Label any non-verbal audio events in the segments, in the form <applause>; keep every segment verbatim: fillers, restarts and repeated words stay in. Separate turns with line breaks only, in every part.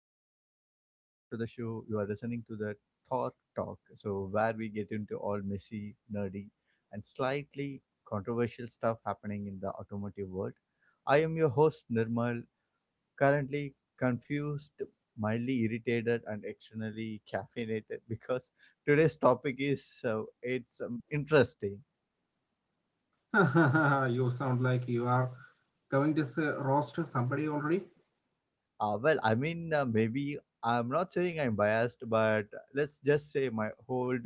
Hey, everyone. Welcome back to the show. You are listening to the Thought Talk. So, where we get into all messy, nerdy, and slightly controversial stuff happening in the automotive world. I am your host, Nirmal, currently confused, mildly irritated, and externally caffeinated <laughs> because today's topic is uh, it's um, interesting.
<laughs> You sound like you are going to s- roast somebody already.
Uh, well, I mean, uh, maybe I'm not saying I'm biased, but let's just say my old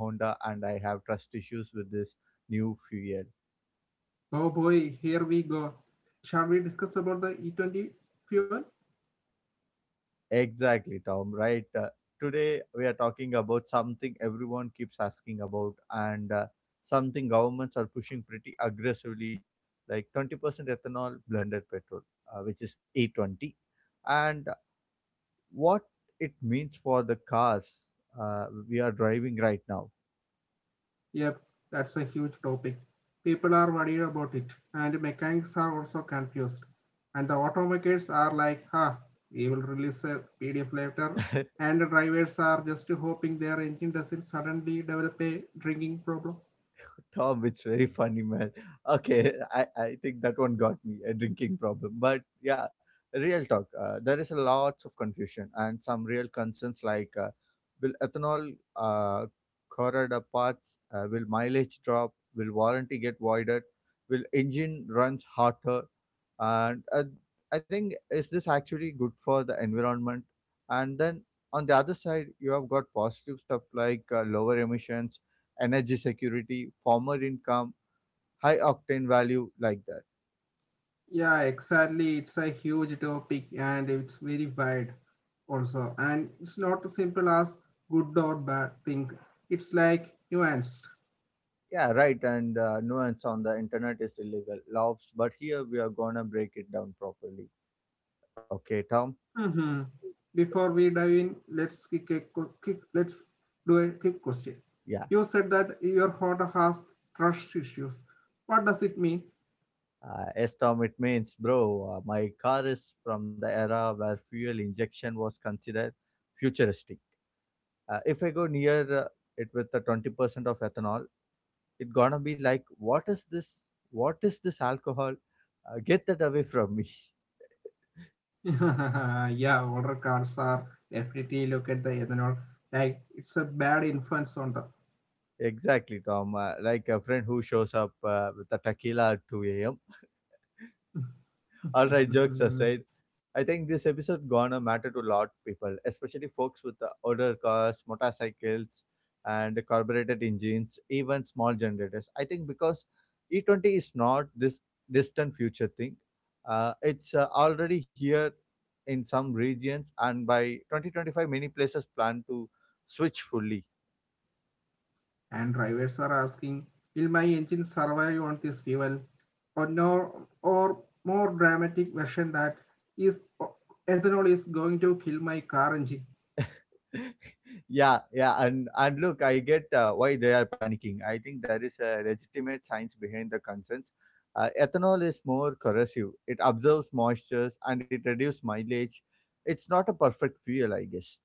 Honda and I have trust issues with this new fuel.
Oh boy, here we go. Shall we discuss about the E twenty fuel?
Exactly, Tom. Right. Uh, today we are talking about something everyone keeps asking about, and uh, something governments are pushing pretty aggressively, like twenty percent ethanol blended petrol, uh, which is A twenty, and what it means for the cars uh, we are driving right now.
Yep, that's a huge topic. People are worried about it, and mechanics are also confused. And the automakers are like, "Ha, we will release a P D F later."
<laughs>
And the drivers are just hoping their engine doesn't suddenly develop a drinking problem.
Tom, it's very funny, man. Okay, I, I think that one got me a drinking problem. But yeah, real talk. Uh, there is a lots of confusion and some real concerns like uh, will ethanol uh, corrode parts, uh, will mileage drop, will warranty get voided, will engine runs hotter, and uh, I think is this actually good for the environment? And then on the other side, you have got positive stuff like uh, lower emissions, energy security, former income, high octane value like that.
Yeah, exactly. It's a huge topic and it's very wide also. And it's not as simple as good or bad thing. It's like nuanced.
Yeah, right. And uh, nuance on the internet is illegal, loves. But here we are gonna break it down properly. Okay, Tom.
hmm Before we dive in, let's kick a qu- quick, let's do a quick question.
Yeah.
You said that your Honda has trust issues. What does it mean?
Uh, S Tom, it means, bro, uh, my car is from the era where fuel injection was considered futuristic. Uh, if I go near uh, it with the twenty percent of ethanol, it gonna be like, what is this? What is this alcohol? Uh, get that away from me. <laughs>
<laughs> Yeah, older cars are definitely look at the ethanol like it's a bad influence on
Exactly, Tom. Uh, like a friend who shows up uh, with a tequila at two a m. All right, jokes
them.
aside,
<laughs>
I think this episode gonna matter to a lot people, especially folks with uh, older cars, motorcycles, and carbureted engines, even small generators. I think because E twenty is not this distant future thing. Uh, it's uh, already here in some regions, and by twenty twenty-five, many places plan to switch fully.
And drivers are asking, will my engine survive on this fuel? Or, no, or more dramatic version that is ethanol is going to kill my car engine.
<laughs> yeah, yeah, and and look, I get uh, why they are panicking. I think there is a legitimate science behind the concerns. Uh, ethanol is more corrosive. It absorbs moistures and it reduces mileage. It's not a perfect fuel, I guess.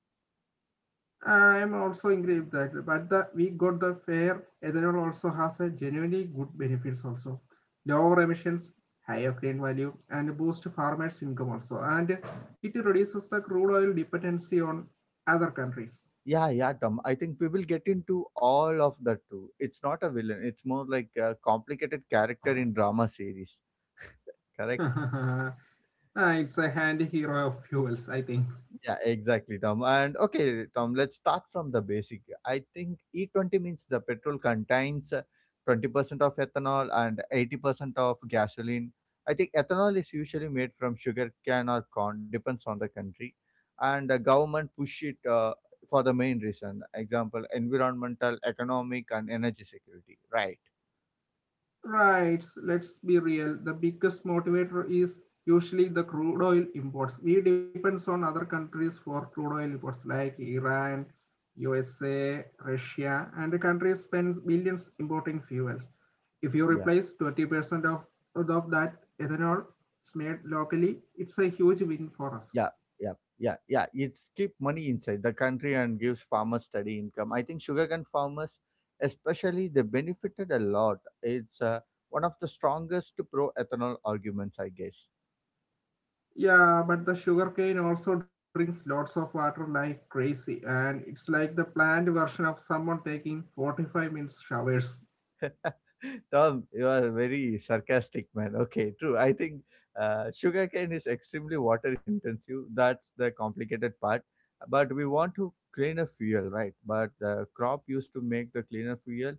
I'm also angry with that, but the, we got the fair. Ethanol also has a genuinely good benefits also. Lower emissions, higher grain value, and boost farmers' income also. And it reduces the crude oil dependency on other countries.
Yeah, yeah, Tom. I think we will get into all of that too. It's not a villain. It's more like a complicated character in drama series. <laughs> Correct.
<laughs> It's a handy hero of fuels, I think.
Yeah, exactly, Tom. And okay, Tom, let's start from the basic. I think E twenty means the petrol contains uh, twenty percent of ethanol and eighty percent of gasoline. I think ethanol is usually made from sugar cane or corn, depends on the country. And the government push it uh, for the main reason. Example, environmental, economic, and energy security. Right.
Right. So, let's be real. The biggest motivator is usually the crude oil imports. We depends on other countries for crude oil imports like Iran, U S A, Russia, and the country spends billions importing fuels. If you replace twenty percent of, of that ethanol it's made locally, it's a huge win for
Yeah,
us.
yeah, yeah, yeah. It's keep money inside the country and gives farmers steady income. I think sugarcane farmers, especially, they benefited a lot. It's uh, one of the strongest pro ethanol arguments, I guess.
Yeah, but the sugarcane also drinks lots of water like crazy, and it's like the planned version of someone taking forty-five minutes showers.
<laughs> Tom, you are very sarcastic, man. Okay, true. I think uh, sugarcane is extremely water intensive. That's the complicated part. But we want to cleaner fuel, right? But the crop used to make the cleaner fuel,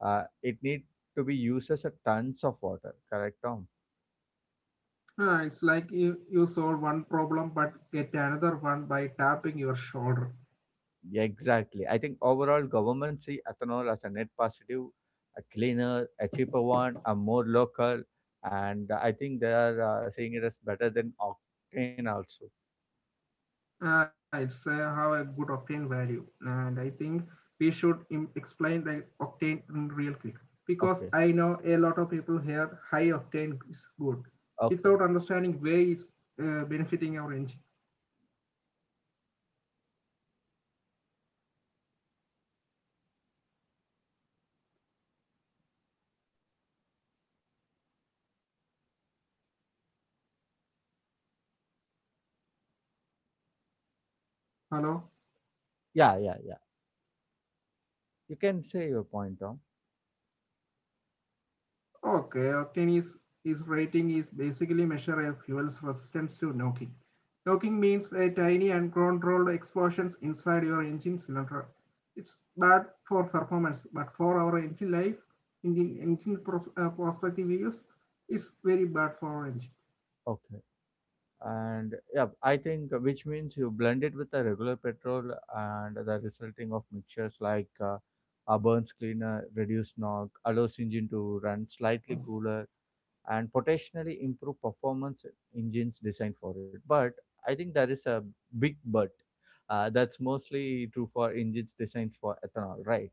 uh, it need to be used as a tons of water. Correct, Tom?
Ah, it's like you, you solve one problem but get another one by tapping your shoulder.
Yeah, exactly. I think overall government see ethanol as a net positive, a cleaner, a cheaper one, a more local, and I think they are uh, seeing it as better than octane also.
Ah, it's uh, how a good octane value. And I think we should im- explain the octane in real quick because
Okay.
I know a lot of people here high octane is good
Okay.
without understanding where it's uh, benefiting our engine. Hello?
Yeah, yeah, yeah. You can say your point, Tom.
Okay, octane is, is rating is basically measure a fuel's resistance to knocking. Knocking means a tiny uncontrolled explosions inside your engine cylinder. It's bad for performance, but for our engine life, engine, engine uh, prospective use, it's very bad for our engine.
Okay. And yeah, I think uh, which means you blend it with the regular petrol and the resulting of mixtures like uh, a burns cleaner, reduced knock, allows engine to run slightly cooler and potentially improve performance engines designed for it. But I think there is a big but. Uh, that's mostly true for engines designs for ethanol, right?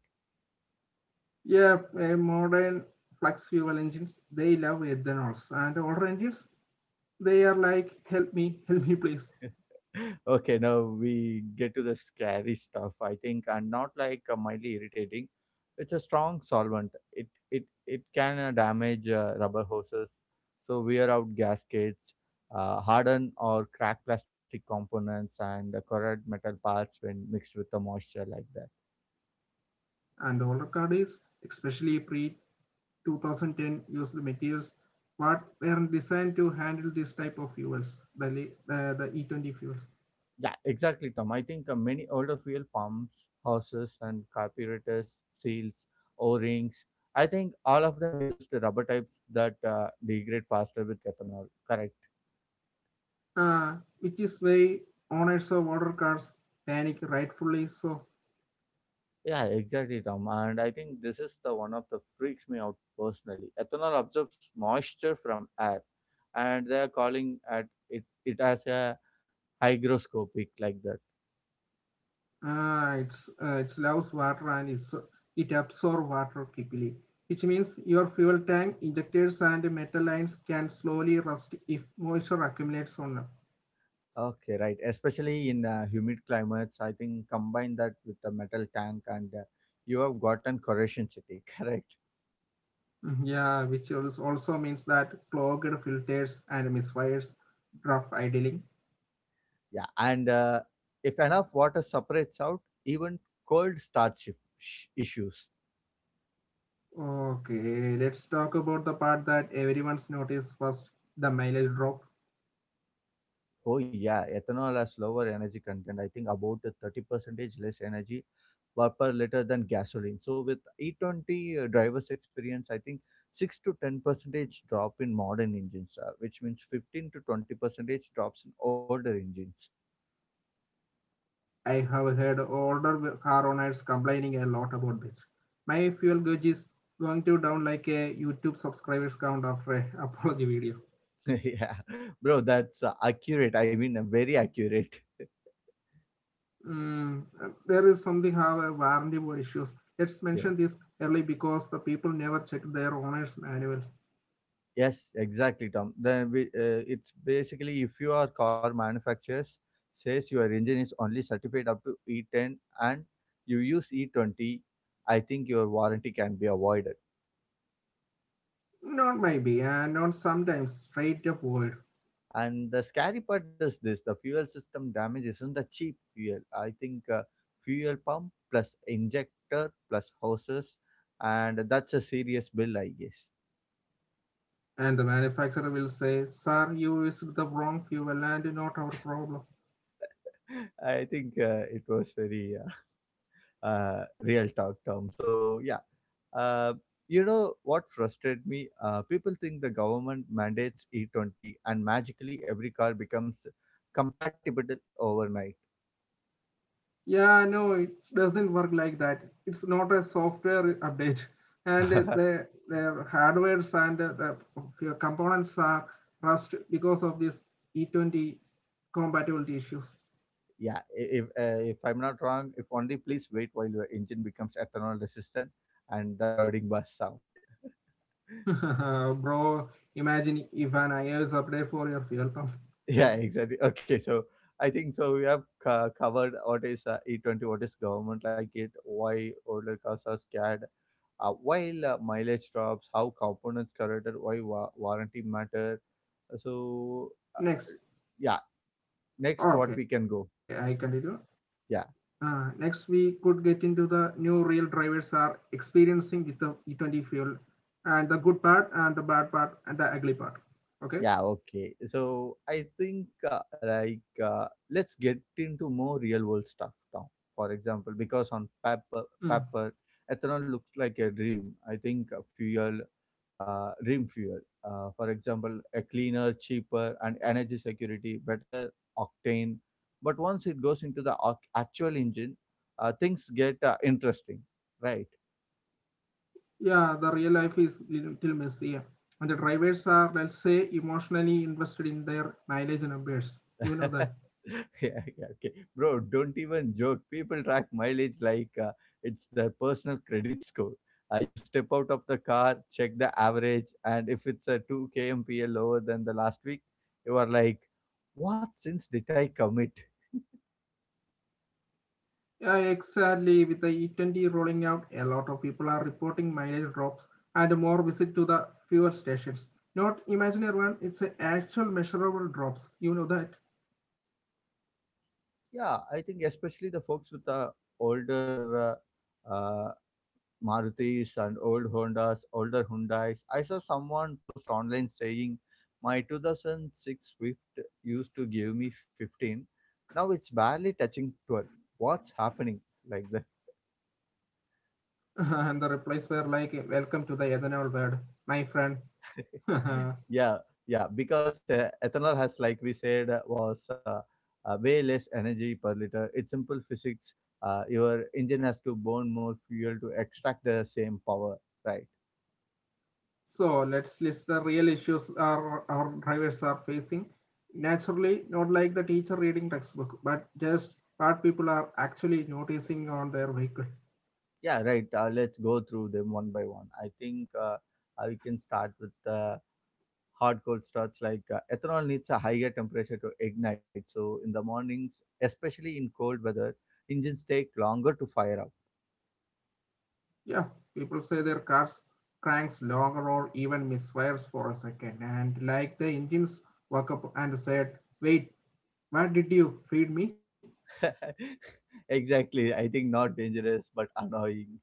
Yeah, uh, modern flex fuel engines, they love ethanols. And older engines, they are like, help me, help me please.
Okay, now we get to the scary stuff, I think, and not like uh, mildly irritating. It's a strong solvent. It it it can uh, damage uh, rubber hoses, so wear out gaskets, uh, harden or crack plastic components, and uh, corrode metal parts when mixed with the moisture like that.
And the older car is, especially pre two thousand ten used materials what were designed to handle this type of fuels, the, uh, the E twenty fuels,
Yeah, exactly, Tom. I think uh, many older fuel pumps, houses, and carburetors, seals, O-rings. I think all of them used rubber types that uh, degrade faster with ethanol. Correct.
uh, which is why owners of water cars panic rightfully so.
Yeah, exactly, Tom. And I think this is the one of the freaks me out personally. Ethanol absorbs moisture from air, and they are calling at it it as a hygroscopic like that.
Uh, it's uh, it loves water and it's, it absorbs water quickly, which means your fuel tank, injectors, and metal lines can slowly rust if moisture accumulates on them.
Okay, right. Especially in uh, humid climates, I think combine that with the metal tank and uh, you have gotten corrosion city, <laughs> correct?
Mm-hmm. Yeah, which also means that clogged filters and misfires, rough idling.
Yeah, and uh, if enough water separates out, even cold starts if- sh- issues.
Okay, let's talk about the part that everyone's noticed first, the mileage drop.
Oh yeah, ethanol has lower energy content. I think about thirty percentage less energy per, per liter than gasoline. So with E twenty uh, driver's experience, I think six to ten percentage drop in modern engines, uh, which means fifteen to twenty percentage drops in older engines.
I have heard older car owners complaining a lot about this. My fuel gauge is going to down like a YouTube subscribers count after a <laughs> apology video.
<laughs> yeah, bro, that's uh, accurate. I mean, uh, very accurate. <laughs>
Mm, there is something how warranty issues. Let's
Yeah.
mention this early because the people never check their owner's manual.
Yes, exactly, Tom. Then we, uh, it's basically if you are car manufacturers says your engine is only certified up to E ten and you use E twenty, I think your warranty can be avoided.
Not maybe, and not sometimes straight up void.
And the scary part is this: the fuel system damage isn't a cheap fuel. I think uh, fuel pump plus injector plus hoses, and that's a serious bill, I guess.
And the manufacturer will say, "Sir, you used the wrong fuel and not our problem."
<laughs> I think uh, it was very uh, uh, real talk, Tom. So yeah, uh, you know what frustrated me? Uh, people think the government mandates E twenty and magically every car becomes compatible overnight.
Yeah, no, it doesn't work like that. It's not a software update. And
<laughs>
the, the hardwares and the components are rust because of this E twenty compatibility issues.
yeah, i- if uh, if I'm not wrong, if only please wait while your engine becomes ethanol resistant and the loading bar sound. <laughs>
<laughs> Bro, imagine if an iOS update for your fuel pump.
Yeah, exactly. Okay, so I think so. We have co- covered what is uh, E twenty, what is government like it, why older cars are scared, uh, while uh, mileage drops, how components corrected, why wa- warranty matter, so uh,
Next.
yeah, next what we
Okay,
can
I
go.
continue. Uh,
Yeah.
next, we could get into the new real drivers are experiencing with the E twenty fuel and the good part and the bad part and the ugly part. Okay.
Yeah, okay. So I think uh, like uh, let's get into more real world stuff now. For example, because on paper,
Mm.
paper ethanol looks like a dream. I think a fuel, uh, dream fuel. Uh, for example, a cleaner, cheaper, and energy security, better octane. But once it goes into the ac- actual engine, uh, things get uh, interesting, right?
Yeah, the real life is little messy. And the drivers are, let's say, emotionally invested in their mileage
<laughs>
numbers. You know
Yeah,
that.
yeah, okay. Bro, don't even joke. People track mileage like uh, it's their personal credit score. Uh, you step out of the car, check the average, and if it's a two kmpl lower than the last week, you are like, what sins did I commit?
Yeah, exactly. With the E twenty rolling out, a lot of people are reporting mileage drops and more visit to the fuel stations. Not imaginary one, it's a actual measurable drops. You know that.
Yeah, I think especially the folks with the older uh, uh, Marutis and old Hondas, older Hyundais. I saw someone post online saying my two thousand six Swift used to give me fifteen. Now it's barely touching twelve. What's happening like that?
<laughs> And the replies were like, "Welcome to the ethanol world, my friend."
<laughs> yeah, yeah, because uh, ethanol has, like we said, uh, was uh, uh, way less energy per liter. It's simple physics. Uh, your engine has to burn more fuel to extract the same power, right?
<laughs> So let's list the real issues our, our drivers are facing. Naturally, not like the teacher reading textbook, but just what people are actually noticing on their vehicle.
Yeah, right. Uh, let's go through them one by one. I think uh, uh, we can start with uh, hard cold starts like uh, ethanol needs a higher temperature to ignite. So in the mornings, especially in cold weather, engines take longer to fire up.
Yeah, people say their cars cranks longer or even misfires for a second, and like the engines woke up and said, "Wait, what did you feed me?"
<laughs> Exactly. I think not dangerous but annoying,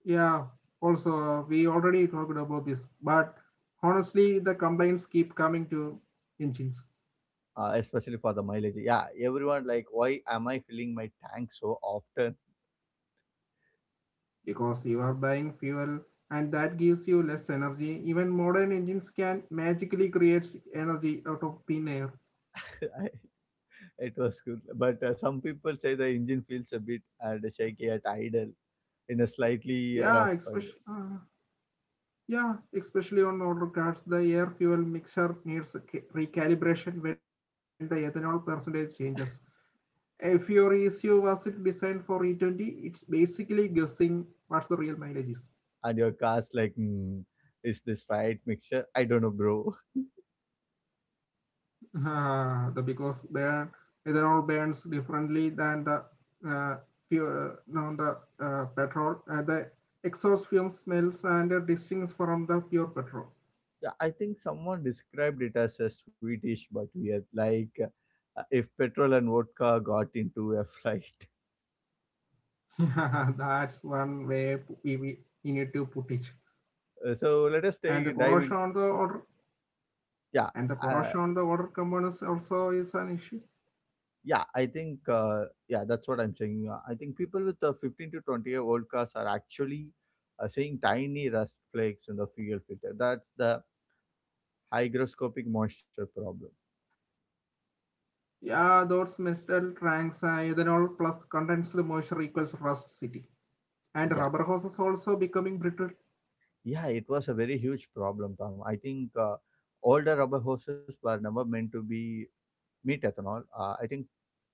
Yeah, also, we already talked about this, but honestly, the complaints keep coming to engines
uh, especially for the mileage. Yeah, everyone like, why am I filling my tank so often?
because you are buying fuel and that gives you less energy. Even modern engines can magically create energy out of thin air.
<laughs> It was cool. But uh, some people say the engine feels a bit and shaky at idle in a slightly
Yeah,
rough ride.
especially, uh, yeah, especially on older cars, the air fuel mixture needs ca- recalibration when the ethanol percentage changes. If your E C U wasn't designed for E twenty, it's basically guessing what's the real mileage is.
And your car's like, hmm, is this right mixture? I don't know, bro. <laughs>
Uh, the because their ethanol burns differently than the uh, fuel, uh, than the uh, petrol. And the exhaust fume smells and uh, distincts from the pure petrol.
Yeah, I think someone described it as a Swedish, but weird. Like uh, if petrol and vodka got into a <laughs> flight.
<laughs> That's one way we, we need to put it.
Uh, so let us
And the
take dive in.
corrosion on the order
Yeah.
and the
uh,
corrosion on the water components also is an issue.
Yeah, I think uh, yeah, that's what I'm saying. Uh, I think people with the fifteen to twenty year old cars are actually uh, seeing tiny rust flakes in the fuel filter. That's the hygroscopic moisture problem.
Yeah, those metal tanks, uh, ethanol plus condensed moisture equals rust city. And
Yeah,
rubber hoses also becoming brittle.
yeah, it was a very huge problem, Tom. I think uh, older rubber hoses were never meant to be meet ethanol. Uh, I think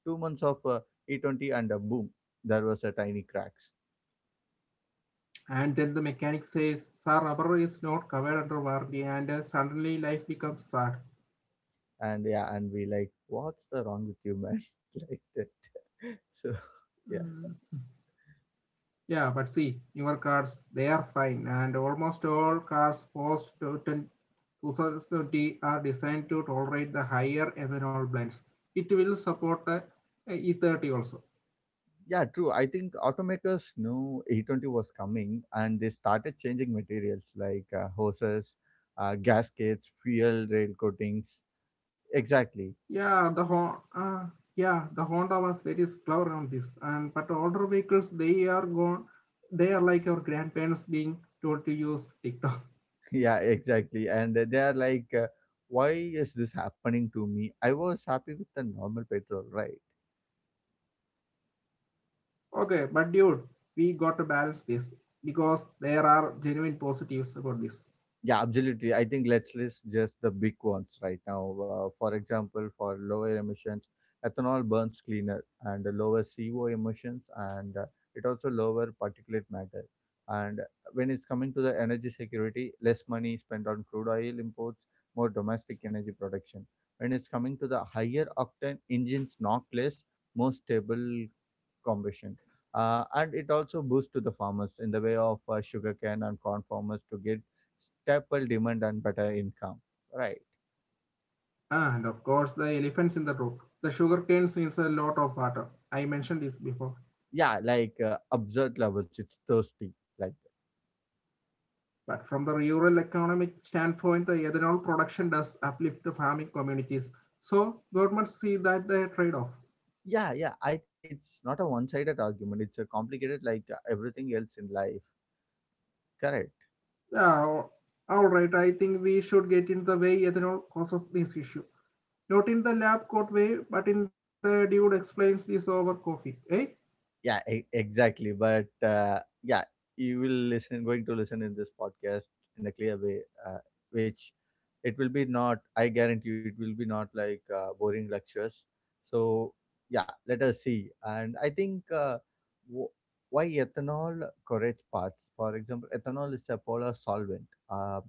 two months of uh, E twenty and a boom, there was a tiny cracks,
And then the mechanic says, "Sir, rubber is not covered under warranty," and uh, suddenly life becomes sad.
and yeah, and we like, what's the wrong with you, man? <laughs> like that. So <laughs>
Mm.
yeah.
Yeah, but see, newer cars, they are fine, and almost all cars post two thousand twenty are designed to tolerate the higher ethanol blends. It will support the uh, E thirty also.
Yeah, true. I think automakers knew A twenty was coming and they started changing materials like uh, hoses, uh, gaskets, fuel rail coatings. Exactly.
Yeah, the Honda, uh, yeah, the Honda was very clever on this, and but older vehicles, they are gone, they are like our grandparents being told to use TikTok.
<laughs> Yeah, exactly. And they are like, uh, why is this happening to me? I was happy with the normal petrol, right?
Okay, but dude, we got to balance this because there are genuine positives about this.
Yeah, absolutely. I think let's list just the big ones right now. Uh, for example, for lower emissions, ethanol burns cleaner and lower C O emissions, and uh, it also lower particulate matter. And when it's coming to the energy security, less money spent on crude oil imports, more domestic energy production. When it's coming to the higher octane engines, knock less, more stable combustion. Uh, and it also boosts to the farmers in the way of uh, sugarcane and corn farmers to get staple demand and better income. Right.
And of course, the elephants in the room. The sugarcane needs a lot of water. I mentioned this before.
Yeah, like uh, absurd levels. It's thirsty. Like that.
But from the rural economic standpoint, the ethanol production does uplift the farming communities. So governments see that the trade-off.
Yeah, yeah, I think it's not a one-sided argument. It's a complicated like uh, everything else in life. Correct.
Yeah, all right, I think we should get in the way ethanol causes this issue. Not in the lab coat way, but in the dude explains this over coffee. Eh?
Yeah, e- exactly. But uh, yeah, you will listen, going to listen in this podcast in a clear way, uh, which it will be not, i guarantee you it will be not like uh, boring lectures. So yeah, let us see. And I think, uh, w- why ethanol correlates parts. For example, ethanol is a polar solvent, uh,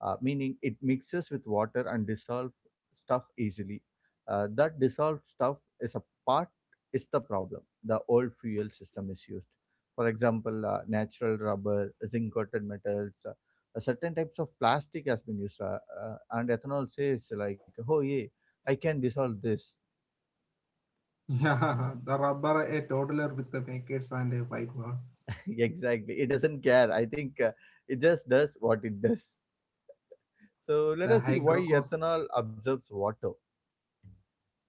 uh, meaning it mixes with water and dissolves stuff easily. Uh, that dissolved stuff is a part is the problem. The old fuel system is used, for example, uh, natural rubber, zinc coated metals, uh, uh, certain types of plastic has been used. Uh, uh, and ethanol says like, oh yeah, I can dissolve this.
Yeah, <laughs> the rubber, a toddler with the naked sand, a white one.
<laughs> Exactly, it doesn't care. I think uh, it just does what it does. So let
The
us see why
hygrocos
ethanol absorbs water.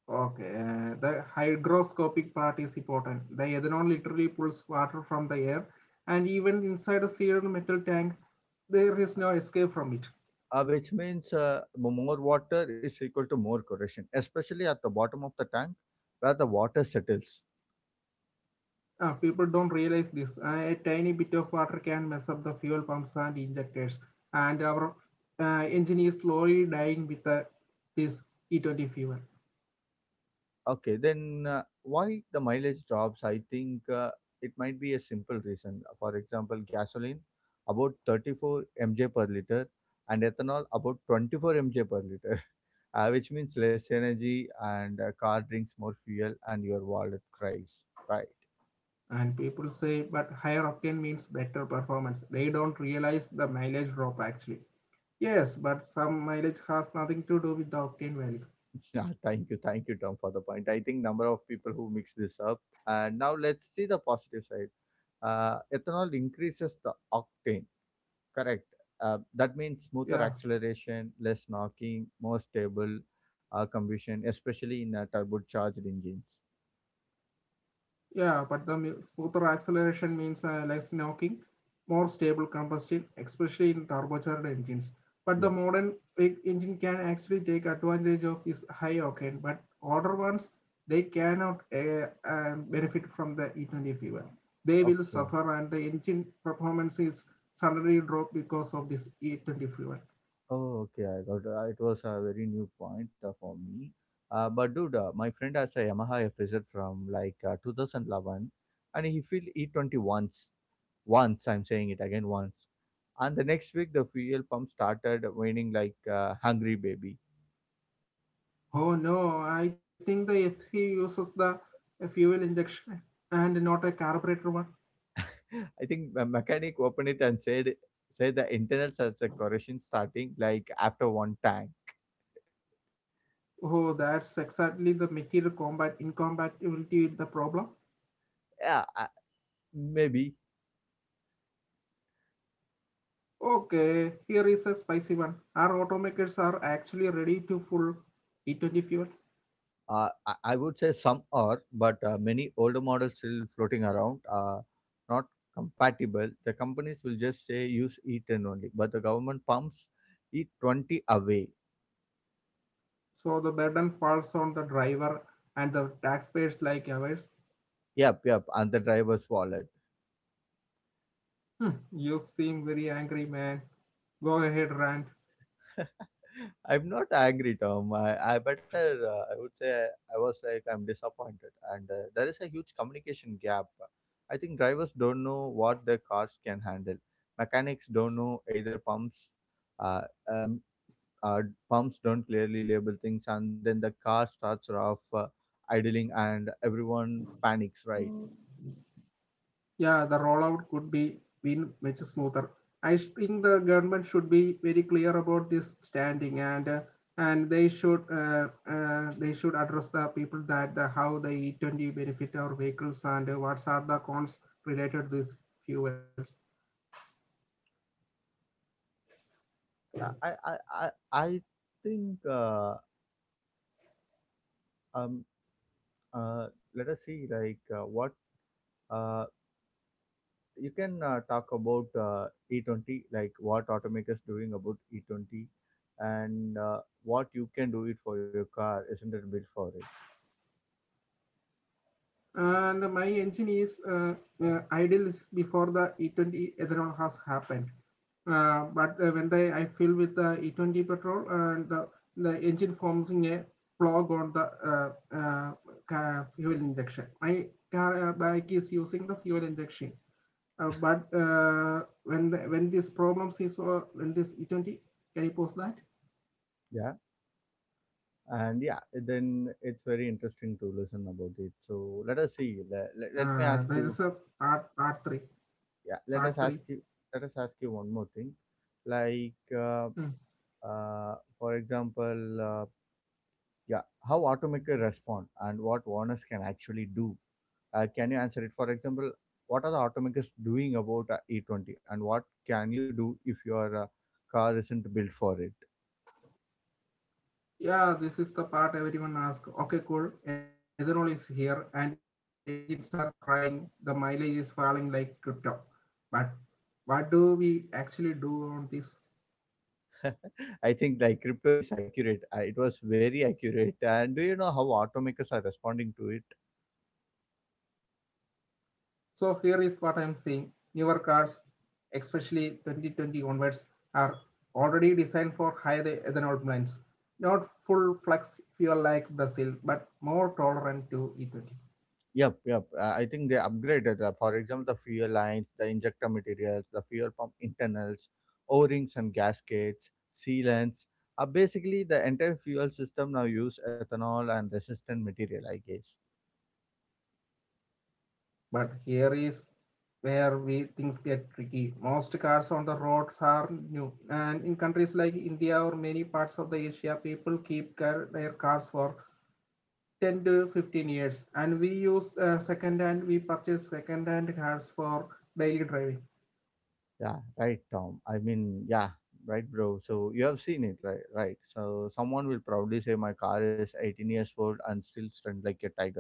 Okay, uh, the hygroscopic part is important. The ethanol literally pulls water from the air, and even inside a sealed metal tank, there is no escape from it.
uh, Which means, uh, m- more water is equal to more corrosion, especially at the bottom of the tank where the water settles.
Uh, people don't realize this. Uh, a tiny bit of water can mess up the fuel pumps and injectors, and our uh, engine is slowly dying with the, this E twenty fuel.
Okay, then uh, why the mileage drops? I think uh, it might be a simple reason. For example, gasoline about thirty-four M J mj per liter and ethanol about twenty-four M J mj per liter. <laughs> Uh, which means less energy and uh, car drinks more fuel and your wallet cries. Right.
And people say, but higher octane means better performance. They don't realize the mileage drop actually. Yes, but some mileage has nothing to do with the octane value.
<laughs> Yeah, thank you, thank you, Tom, for the point. I think number of people who mix this up. And now let's see the positive side. Uh, ethanol increases the octane. Correct. Uh, that means smoother
Yeah,
acceleration, less knocking, more stable uh, combustion, especially in uh, turbocharged engines.
yeah, but the mi- smoother acceleration means uh, less knocking, more stable combustion, especially in turbocharged engines. But the
Yeah.
modern big engine can actually take advantage of this high octane, but older ones they cannot uh, um, benefit from the E twenty fuel. They will
Okay.
suffer, and the engine performance is suddenly drop because of this E twenty fuel.
Oh, okay. I got uh, it. Was a very new point uh, for me. Uh, but dude, uh, my friend has a Yamaha F Z from like uh, two thousand eleven, and he filled E twenty once. Once, I'm saying it again, once, and the next week the fuel pump started whining like a hungry baby.
Oh no, I think the F C uses the uh, fuel injection and not a carburetor one.
I think the mechanic opened it and said said the internal sensor corrosion starting like after one time.
Oh, that's exactly the material combat incompatibility with the problem.
Yeah, I, maybe.
Okay, here is a spicy one. Our automakers are actually ready to full E twenty fuel,
Uh, I, I would say some are, but uh, many older models still floating around are not compatible. The companies will just say use E ten only, but the government pumps E twenty away.
so the burden falls on the driver and the taxpayers like ours.
Yep, yep, and the driver's wallet.
Hmm, you seem very angry, man. Go ahead, rant.
<laughs> I'm not angry, Tom. I, I better, uh, I would say, I was like, I'm disappointed. And uh, there is a huge communication gap. I think drivers don't know what their cars can handle. Mechanics don't know either pumps, uh, um, uh, pumps don't clearly label things. And then the car starts off uh, idling and everyone panics, right?
Yeah, the rollout could be been much smoother. I think the government should be very clear about this standing and uh, and they should uh, uh, they should address the people that the, how the E twenty benefit our vehicles and uh, what are the cons related to these fuels.
I, I, I, I I think, uh, um, uh, let us see, like, uh, what. Uh, you can uh, talk about uh, E twenty, like what automakers doing about E twenty and uh, what you can do it for your car, isn't it built for it?
And my engine is uh, uh, idle before the E twenty ethanol has happened. Uh, but uh, when the, I fill with the E twenty petrol, and the, the engine forms in a plug on the uh, uh, fuel injection. My car uh, bike is using the fuel injection. Uh, but uh, when the, when this problems is uh, when this E twenty can you post that?
Yeah. And yeah, then it's very interesting to listen about it. So let us see. Let, let, let me
Uh,
ask
there
you.
is a part part three
Yeah, let us
part
ask
three.
you. Let us ask you one more thing. Like, uh,
Mhm.
uh, for example, uh, yeah, how automaker respond and what warners can actually do. Uh, can you answer it? For example, what are the automakers doing about uh, E twenty and what can you do if your uh, car isn't built for it?
Yeah, this is the part everyone asks. Okay, cool. Ethanol is here and engines are crying. The mileage is falling like crypto. But what do we actually do on this?
<laughs> I think like crypto is accurate. Uh, it was very accurate. And do you know how automakers are responding to it?
So here is what I'm saying. Newer cars, especially twenty twenty onwards, are already designed for higher ethanol blends. Not full flex fuel like Brazil, but more tolerant to E twenty.
Yep, yep. Uh, I think they upgraded, uh, for example, the fuel lines, the injector materials, the fuel pump internals, O-rings and gaskets, sealants. Uh, basically, the entire fuel system now use ethanol and resistant material, I guess.
But here is where we things get tricky. Most cars on the roads are new, and in countries like India or many parts of the Asia, people keep car, their cars for ten to fifteen years, and we use uh, second hand. We purchase second hand cars for daily driving.
Yeah, right, Tom. I mean, yeah, right, bro. So you have seen it, right? Right. So someone will proudly say my car is eighteen years old and still stunned like a tiger,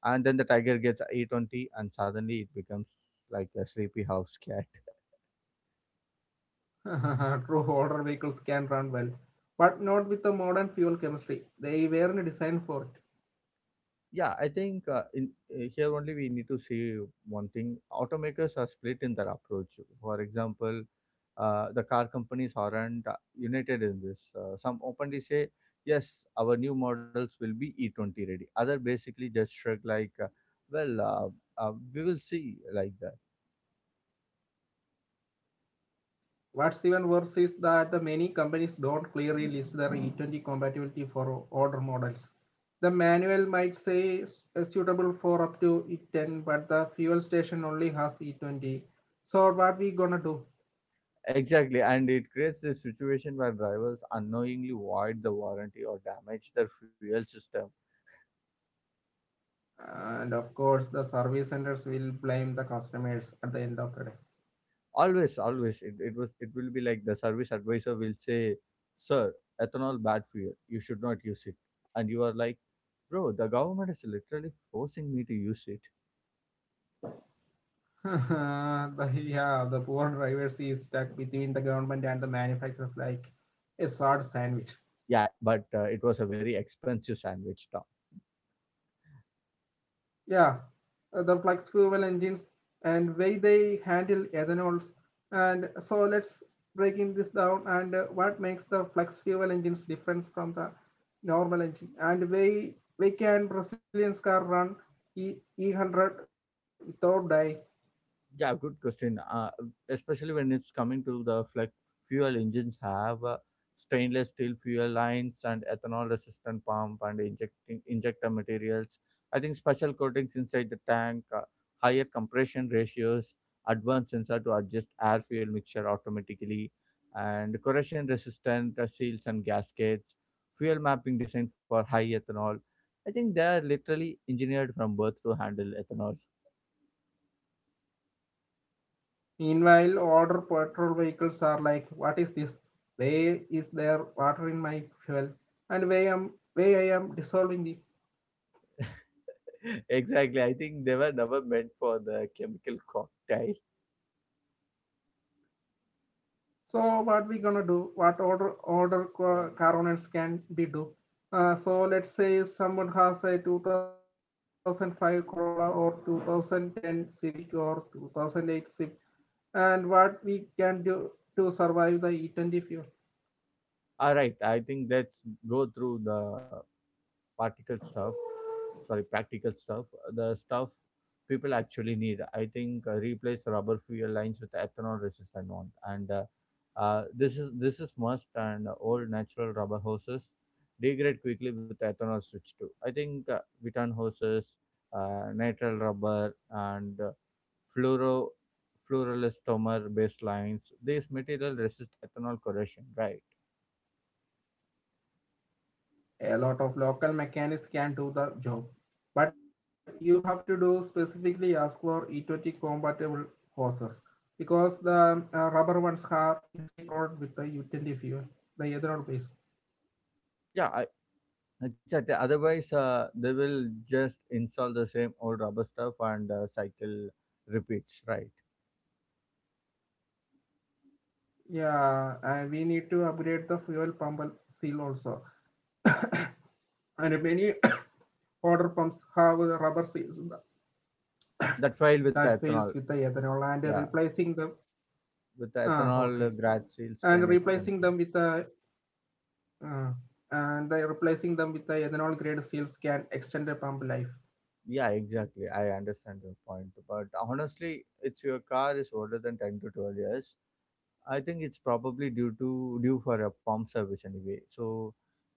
and then the tiger gets a twenty, and suddenly it becomes like a sleepy house cat.
<laughs> True, older vehicles can run well, but not with the modern fuel chemistry. They weren't designed for it.
Yeah, I think uh, in uh, here only we need to see one thing. Automakers are split in their approach. For example, uh, the car companies aren't uh, united in this. Uh, some openly say, yes, our new models will be E twenty ready. Other basically just shrug like, uh, well, uh, uh, we will see like that.
What's even worse is that the many companies don't clearly list their E twenty compatibility for older models. The manual might say suitable for up to E ten, but the fuel station only has E twenty. So what we gonna do?
Exactly, and it creates this situation where drivers unknowingly void the warranty or damage their fuel system.
And of course, the service centers will blame the customers at the end of the day.
Always always it, it was it will be like the service advisor will say, sir, ethanol bad for you, you should not use it, and you are like, bro, the government is literally forcing me to use it.
<laughs> the, yeah, the poor drivers is stuck between the government and the manufacturers like a sad sandwich.
Yeah but uh, it was a very expensive sandwich, Tom.
Yeah, uh, the flex fuel engines and way they handle ethanols. And so let's break in this down and uh, what makes the flex fuel engines different from the normal engine. And way we can Brazilian car run e- E100 without die.
Yeah, good question. Uh, especially when it's coming to the flex fuel engines have uh, stainless steel fuel lines and ethanol resistant pump and injecting injector materials. I think special coatings inside the tank, uh, higher compression ratios, advanced sensor to adjust air fuel mixture automatically, and corrosion resistant uh, seals and gaskets, fuel mapping designed for high ethanol. I think they are literally engineered from birth to handle ethanol.
Meanwhile, older petrol vehicles are like, what is this? Where is there water in my fuel? And way, am, way I am dissolving it.
<laughs> Exactly, I think they were never meant for the chemical cocktail.
So what we gonna do? What order order co- coronets can be do? Uh, so let's say someone has a two thousand five Corolla or two thousand ten Civic or two thousand eight Civic, and what we can do to survive the E twenty fuel?
All right, I think let's go through the particle stuff sorry practical stuff, the stuff people actually need. I think uh, replace rubber fuel lines with ethanol resistant one, and uh, uh, this is this is must. And old natural rubber hoses degrade quickly with ethanol. Switch too, I think, uh, return hoses, uh, nitrile rubber and uh, fluoro fluorelastomer based lines. These material resist ethanol corrosion, right?
A lot of local mechanics can do the job, but you have to do specifically ask for E twenty compatible hoses because the uh, rubber ones are easily corroded with the E twenty fuel, the ethanol base.
Yeah. Exactly. Otherwise, uh, they will just install the same old rubber stuff and uh, cycle repeats. Right.
Yeah, and we need to upgrade the fuel pump seal also. And many <coughs> water pumps have the rubber seals
That file with the ethanol.
that fails with the ethanol
Yeah,
and replacing them.
with the ethanol,
Ah,
uh,
okay.
grad seals can
And
extend. From.
replacing them with the uh, and the replacing them with the ethanol grade seals can extend the pump
Yeah,
life.
exactly. I understand your point, but honestly, it's your car is older than ten to twelve years. I think it's probably due to due for a pump service anyway. So,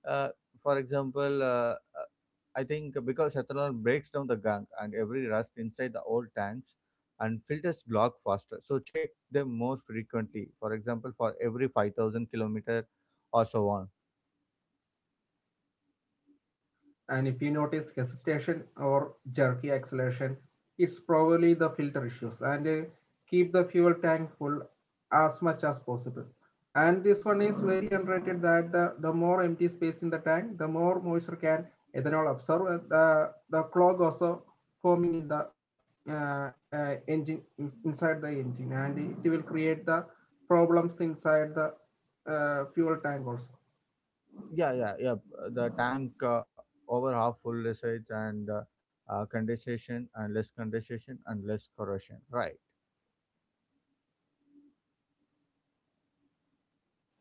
uh, for example, uh, uh, I think because ethanol breaks down the gunk and every rust inside the old tanks and filters Glock faster. So check them more frequently. For example, for every five thousand kilometer or so on.
And if you notice hesitation or jerky acceleration, it's probably the filter issues. And uh, keep the fuel tank full as much as possible. And this one is very underrated that the, the more empty space in the tank, the more moisture can ethanol absorb. Uh, The, the clog also forming in the uh, uh, engine inside the engine, and it will create the problems inside the uh, fuel tank also.
Yeah, yeah, yeah. The tank uh, over half full resides and uh, uh, condensation and less condensation and less corrosion. Right.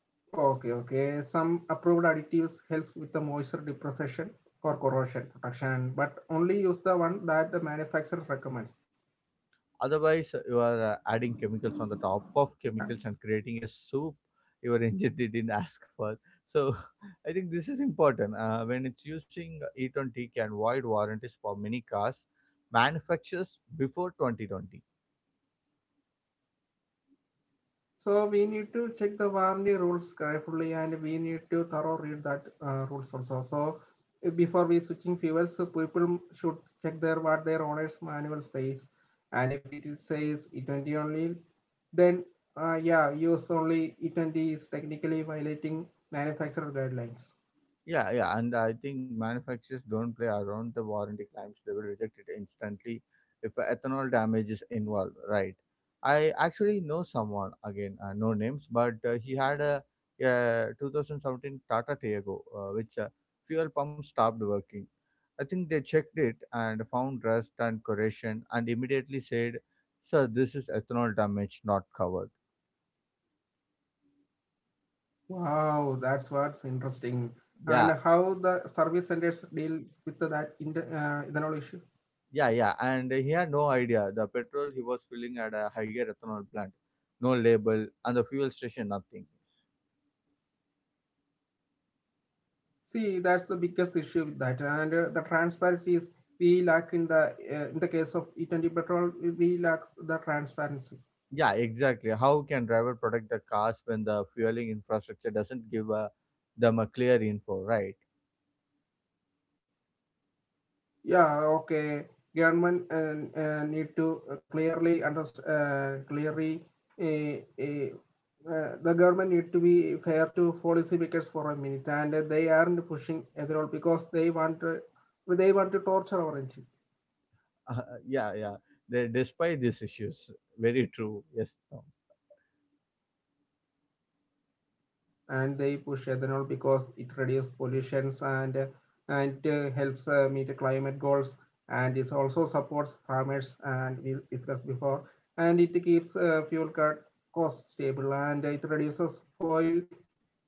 Okay, okay. Some approved additives helps with the moisture deposition or corrosion protection, but only use the one that the manufacturer recommends.
Otherwise, you are uh, adding chemicals on the top of chemicals and creating a soup your engine <laughs> didn't ask for. So, <laughs> I think this is important. Uh, when it's using e T, can void warranties for many cars manufacturers before twenty twenty.
So we need to check the warranty rules carefully, and we need to thorough read that uh, rules also. So uh, before we switching fuels, so people should check their what their owner's manual says, and if it says E twenty only, then uh, yeah, use only E twenty is technically violating manufacturer guidelines.
Yeah, yeah, and I think manufacturers don't play around the warranty claims; they will reject it instantly if ethanol damage is involved, right? I actually know someone again, uh, no names, but uh, he had a, uh twenty seventeen Tata Tiago, uh, which uh, fuel pump stopped working. I think they checked it and found rust and corrosion, and immediately said, "Sir, this is ethanol damage, not covered."
Wow, that's what's interesting. And
Yeah,
how the service centers deals with that inter, uh, ethanol issue?
yeah, yeah, and he had no idea. The petrol he was filling at a higher ethanol plant, no label, and the fuel station, nothing.
See, that's the biggest issue with that. And uh, the transparency is we lack in the uh, in the case of E twenty petrol, we lack the transparency.
Yeah, exactly. How can driver protect the cars when the fueling infrastructure doesn't give uh, them a clear info, right? <laughs>
Yeah, okay. Government and uh, need to clearly under uh, clearly uh, uh, uh, the government need to be fair to policymakers for a minute, and they aren't pushing at all because they want to, they want to torture our
Uh, yeah, yeah. They, despite these issues, very true. Yes, no.
and they push ethanol because it reduces pollutions and uh, and uh, helps uh, meet climate goals and this also supports farmers and we discussed before and it keeps uh, fuel cut cost stable and it reduces oil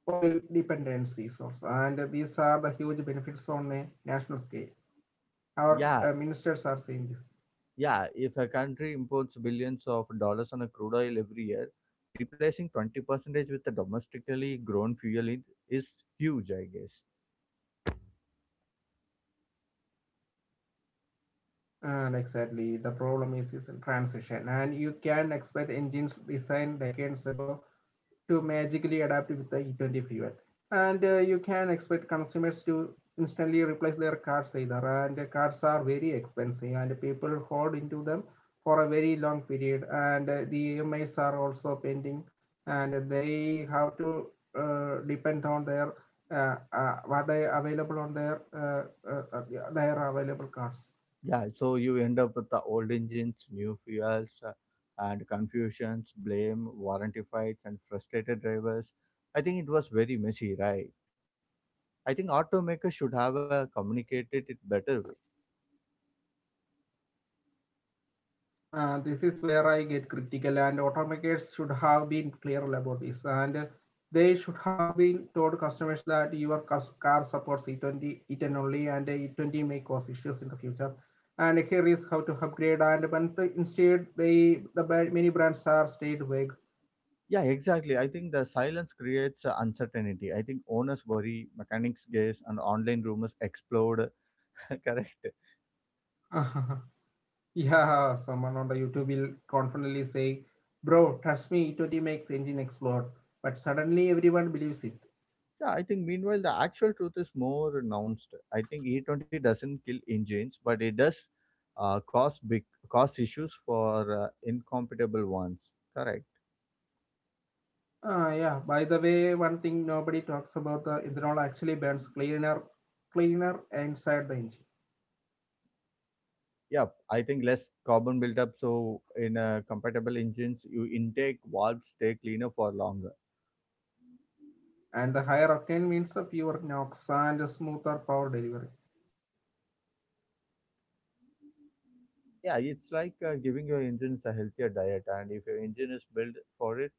oil dependencies also and these are the huge benefits on the national scale our
Yeah,
uh, ministers are saying this
yeah. If a country imports billions of dollars on a crude oil every year, replacing twenty percentage with a domestically grown fuel is is huge, I guess.
and exactly the problem is is in transition and you can expect engines designed decades ago to magically adapt with the E twenty fuel. And uh, you can expect consumers to instantly replace their cars either. And the cars are very expensive, and people hold into them for a very long period. And uh, the E M Is are also pending, and they have to uh, depend on their uh, uh, what they available on their uh, uh, uh, yeah, their available cars.
Yeah, so you end up with the old engines, new fuels, uh, and confusions, blame, warranty fights, and frustrated drivers. I think it was very messy, right? I think automakers should have uh, communicated it better way.
Uh, this is where I get critical, and automakers should have been clear about this. And they should have been told customers that your car supports E twenty, E ten only, and E twenty may cause issues in the future. And here is how to upgrade. And when the, instead, they the ba- many brands are stayed vague.
Yeah, exactly. I think the silence creates uh, uncertainty. I think owners worry, mechanics guess, and online rumors explode. <laughs> Correct.
<laughs> Yeah, someone on the YouTube will confidently say, "Bro, trust me, E twenty makes engine explode." But suddenly, everyone believes it.
Yeah, I think meanwhile the actual truth is more announced. I think E twenty doesn't kill engines, but it does uh, cause big cause issues for uh, incompatible ones. Correct.
Ah, yeah. By the way, one thing nobody talks about the ethanol actually burns cleaner, cleaner inside the engine,
Yeah, I think less carbon buildup. So in uh, compatible engines, you intake valves stay cleaner for longer.
and the higher octane means the fewer knocks and the smoother power delivery.
Yeah, it's like uh, giving your engines a healthier diet, and if your engine is built for it,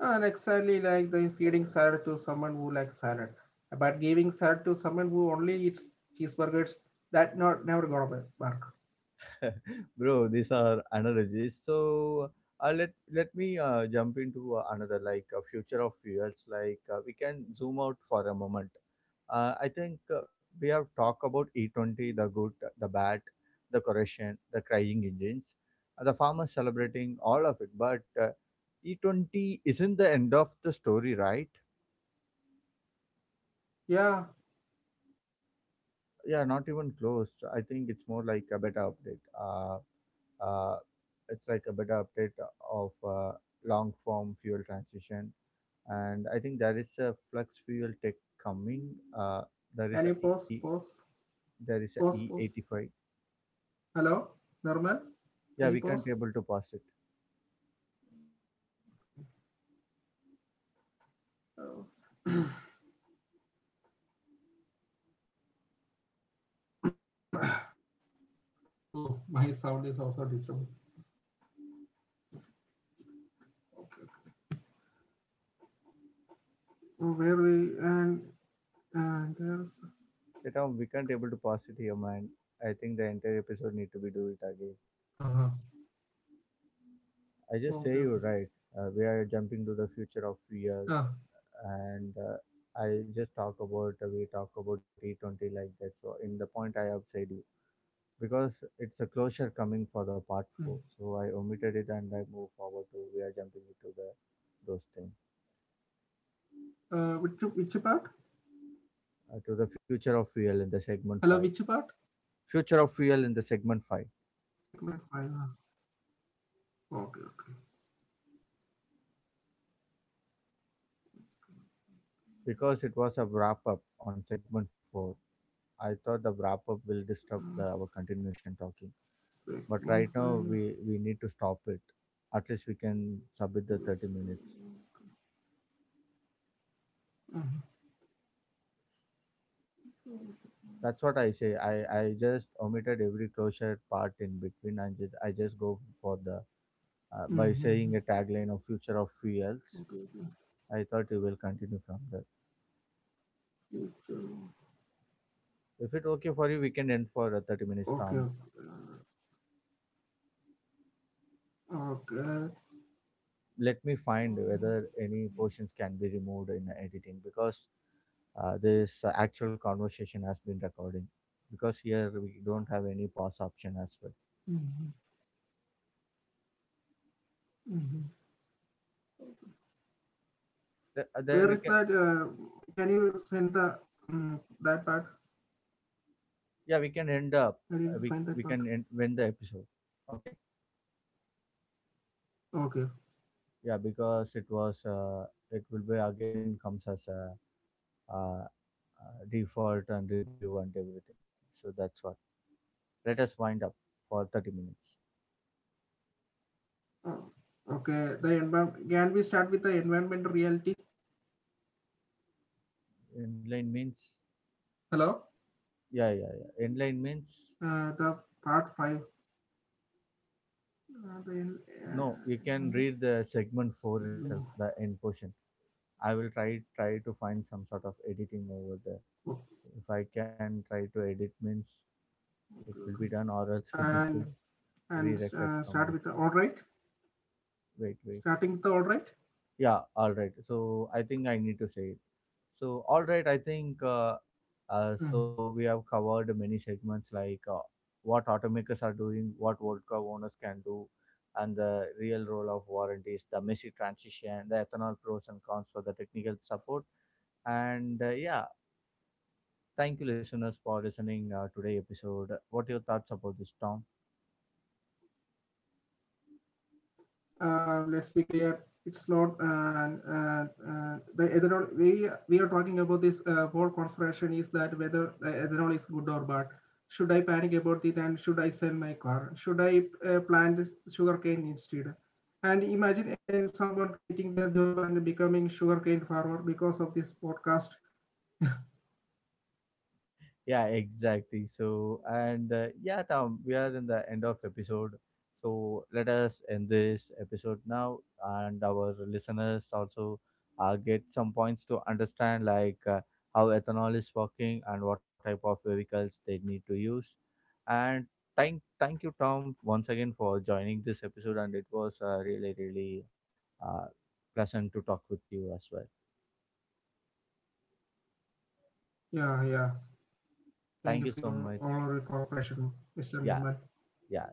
And exactly like the feeding salad to someone who likes salad, but giving salad to someone who only eats cheeseburgers, that not never gonna work.
<laughs> bro, these are analogies. So uh, let let me uh, jump into uh, another like uh, future of fuels. Like uh, we can zoom out for a moment. Uh, I think uh, we have talked about E twenty, the good, the bad, the corrosion, the crying engines, uh, the farmers celebrating all of it. But uh, E twenty isn't the end of the story, right?
Yeah.
Yeah, not even close. I think it's more like a better update. Uh, uh, it's like a better update of uh, long form fuel transition, and I think there is a flux fuel tech coming. uh, there is
Can
a
you
e
pause? Pause.
there is a
Pause. Pause.
e eighty-five.
Hello, Normal. Can
Yeah
you
we can't
pause?
able to pass it.
Oh, oh, my sound is also disturbing. Oh, where and And there's
Yeah, Tom, we can't able to pass it here, man. I think the entire episode need to be do it again.
uh-huh.
I
Oh,
just
okay,
say
okay.
you're right. Uh, we are jumping to the future of fuels.
Ah,
And uh, I just talk about, we talk about E twenty like that. So in the point I have said you because it's a closure coming for the part four.
mm.
So I omitted it and I move forward to, we are jumping into the those things,
Uh, which which part?
uh, to the future of fuel in the segment five.
Hello, which part?
Future of fuel in the segment five,
Segment five. Ah. Okay, okay.
because it was a wrap up on segment four. I thought the wrap up will disturb
Uh,
the, our continuation talking, but
segment
right now
five.
we we need to stop it. At least we can submit the
Yes.
thirty minutes.
Mm-hmm.
That's what I say. I, I just omitted every closure part in between and just, I just go for the, uh, by
Mm-hmm.
saying a tagline of future of
Okay,
fuels.
okay.
I thought you will continue from there.
Yes, uh,
If it okay for you, we can end for a thirty minutes
okay. uh,
time.
Okay.
Let me find
Um,
whether any portions can be removed in editing, because uh, this actual conversation has been recording, because here we don't have any pause option as well.
Mhm, mhm. Where
Th-
is that?
then we can,
Uh, can you send the um, that part?
yeah, we can end
I
up,
didn't
uh,
find
we,
that
we
part.
can end, win the episode. Okay.
Okay.
Yeah, because it was, uh, it will be again comes as a uh, uh, default and review and everything. So that's what. Let us wind up for thirty minutes.
Oh, okay. The environment. Can we start with the environment reality?
Inline means,
Hello.
yeah, yeah, yeah. Inline means,
Uh, the part five. Uh, the,
no, you
uh,
can read the segment four itself, the end portion. I will try try to find some sort of editing over
oh,
there. If I can try to edit means
okay,
it
okay.
will be done, or else <laughs>
And
we need to
and uh, start
re-record
with the
from
all
the
right.
wait wait
Starting with the all right.
Yeah, all right. So I think I need to say it. So all right, I think, uh, uh,
Mhm.
so we have covered many segments, like uh, what automakers are doing, what World Cup owners can do, and the real role of warranties, the messy transition, the ethanol pros and cons for the technical support, and uh, yeah, thank you listeners for listening uh, today episode. What are your thoughts about this, Tom?
uh, let's be clear, it's not uh, uh, uh, the ethanol. We we are talking about this uh, whole consideration is that whether the ethanol is good or bad. Should I panic about it and should I sell my car? Should I uh, plant sugarcane instead? And imagine uh, someone quitting their job and becoming sugarcane farmer because of this podcast.
Yeah, exactly. So, and uh, yeah, Tom, we are in the end of episode. So let us end this episode now, and our listeners also uh, get some points to understand, like uh, how ethanol is working and what type of vehicles they need to use. And thank thank you, Tom, once again for joining this episode, and it was uh, really really uh, pleasant to talk with you as well.
Yeah, yeah. Thank
Thank
you
you
for
so
your
much.
all your cooperation, Mister
Yeah.
Newman.
Yeah.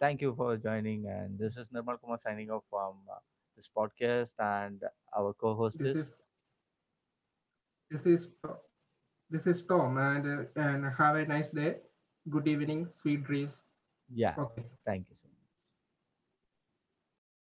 Thank you for joining. And this is Nirmal Kumar signing off from uh, this podcast, and our co host
This
is.
is this is This is Tom, and uh, and have a nice day. Good evening, sweet dreams. Okay.
Yeah. Thank you so much. Okay.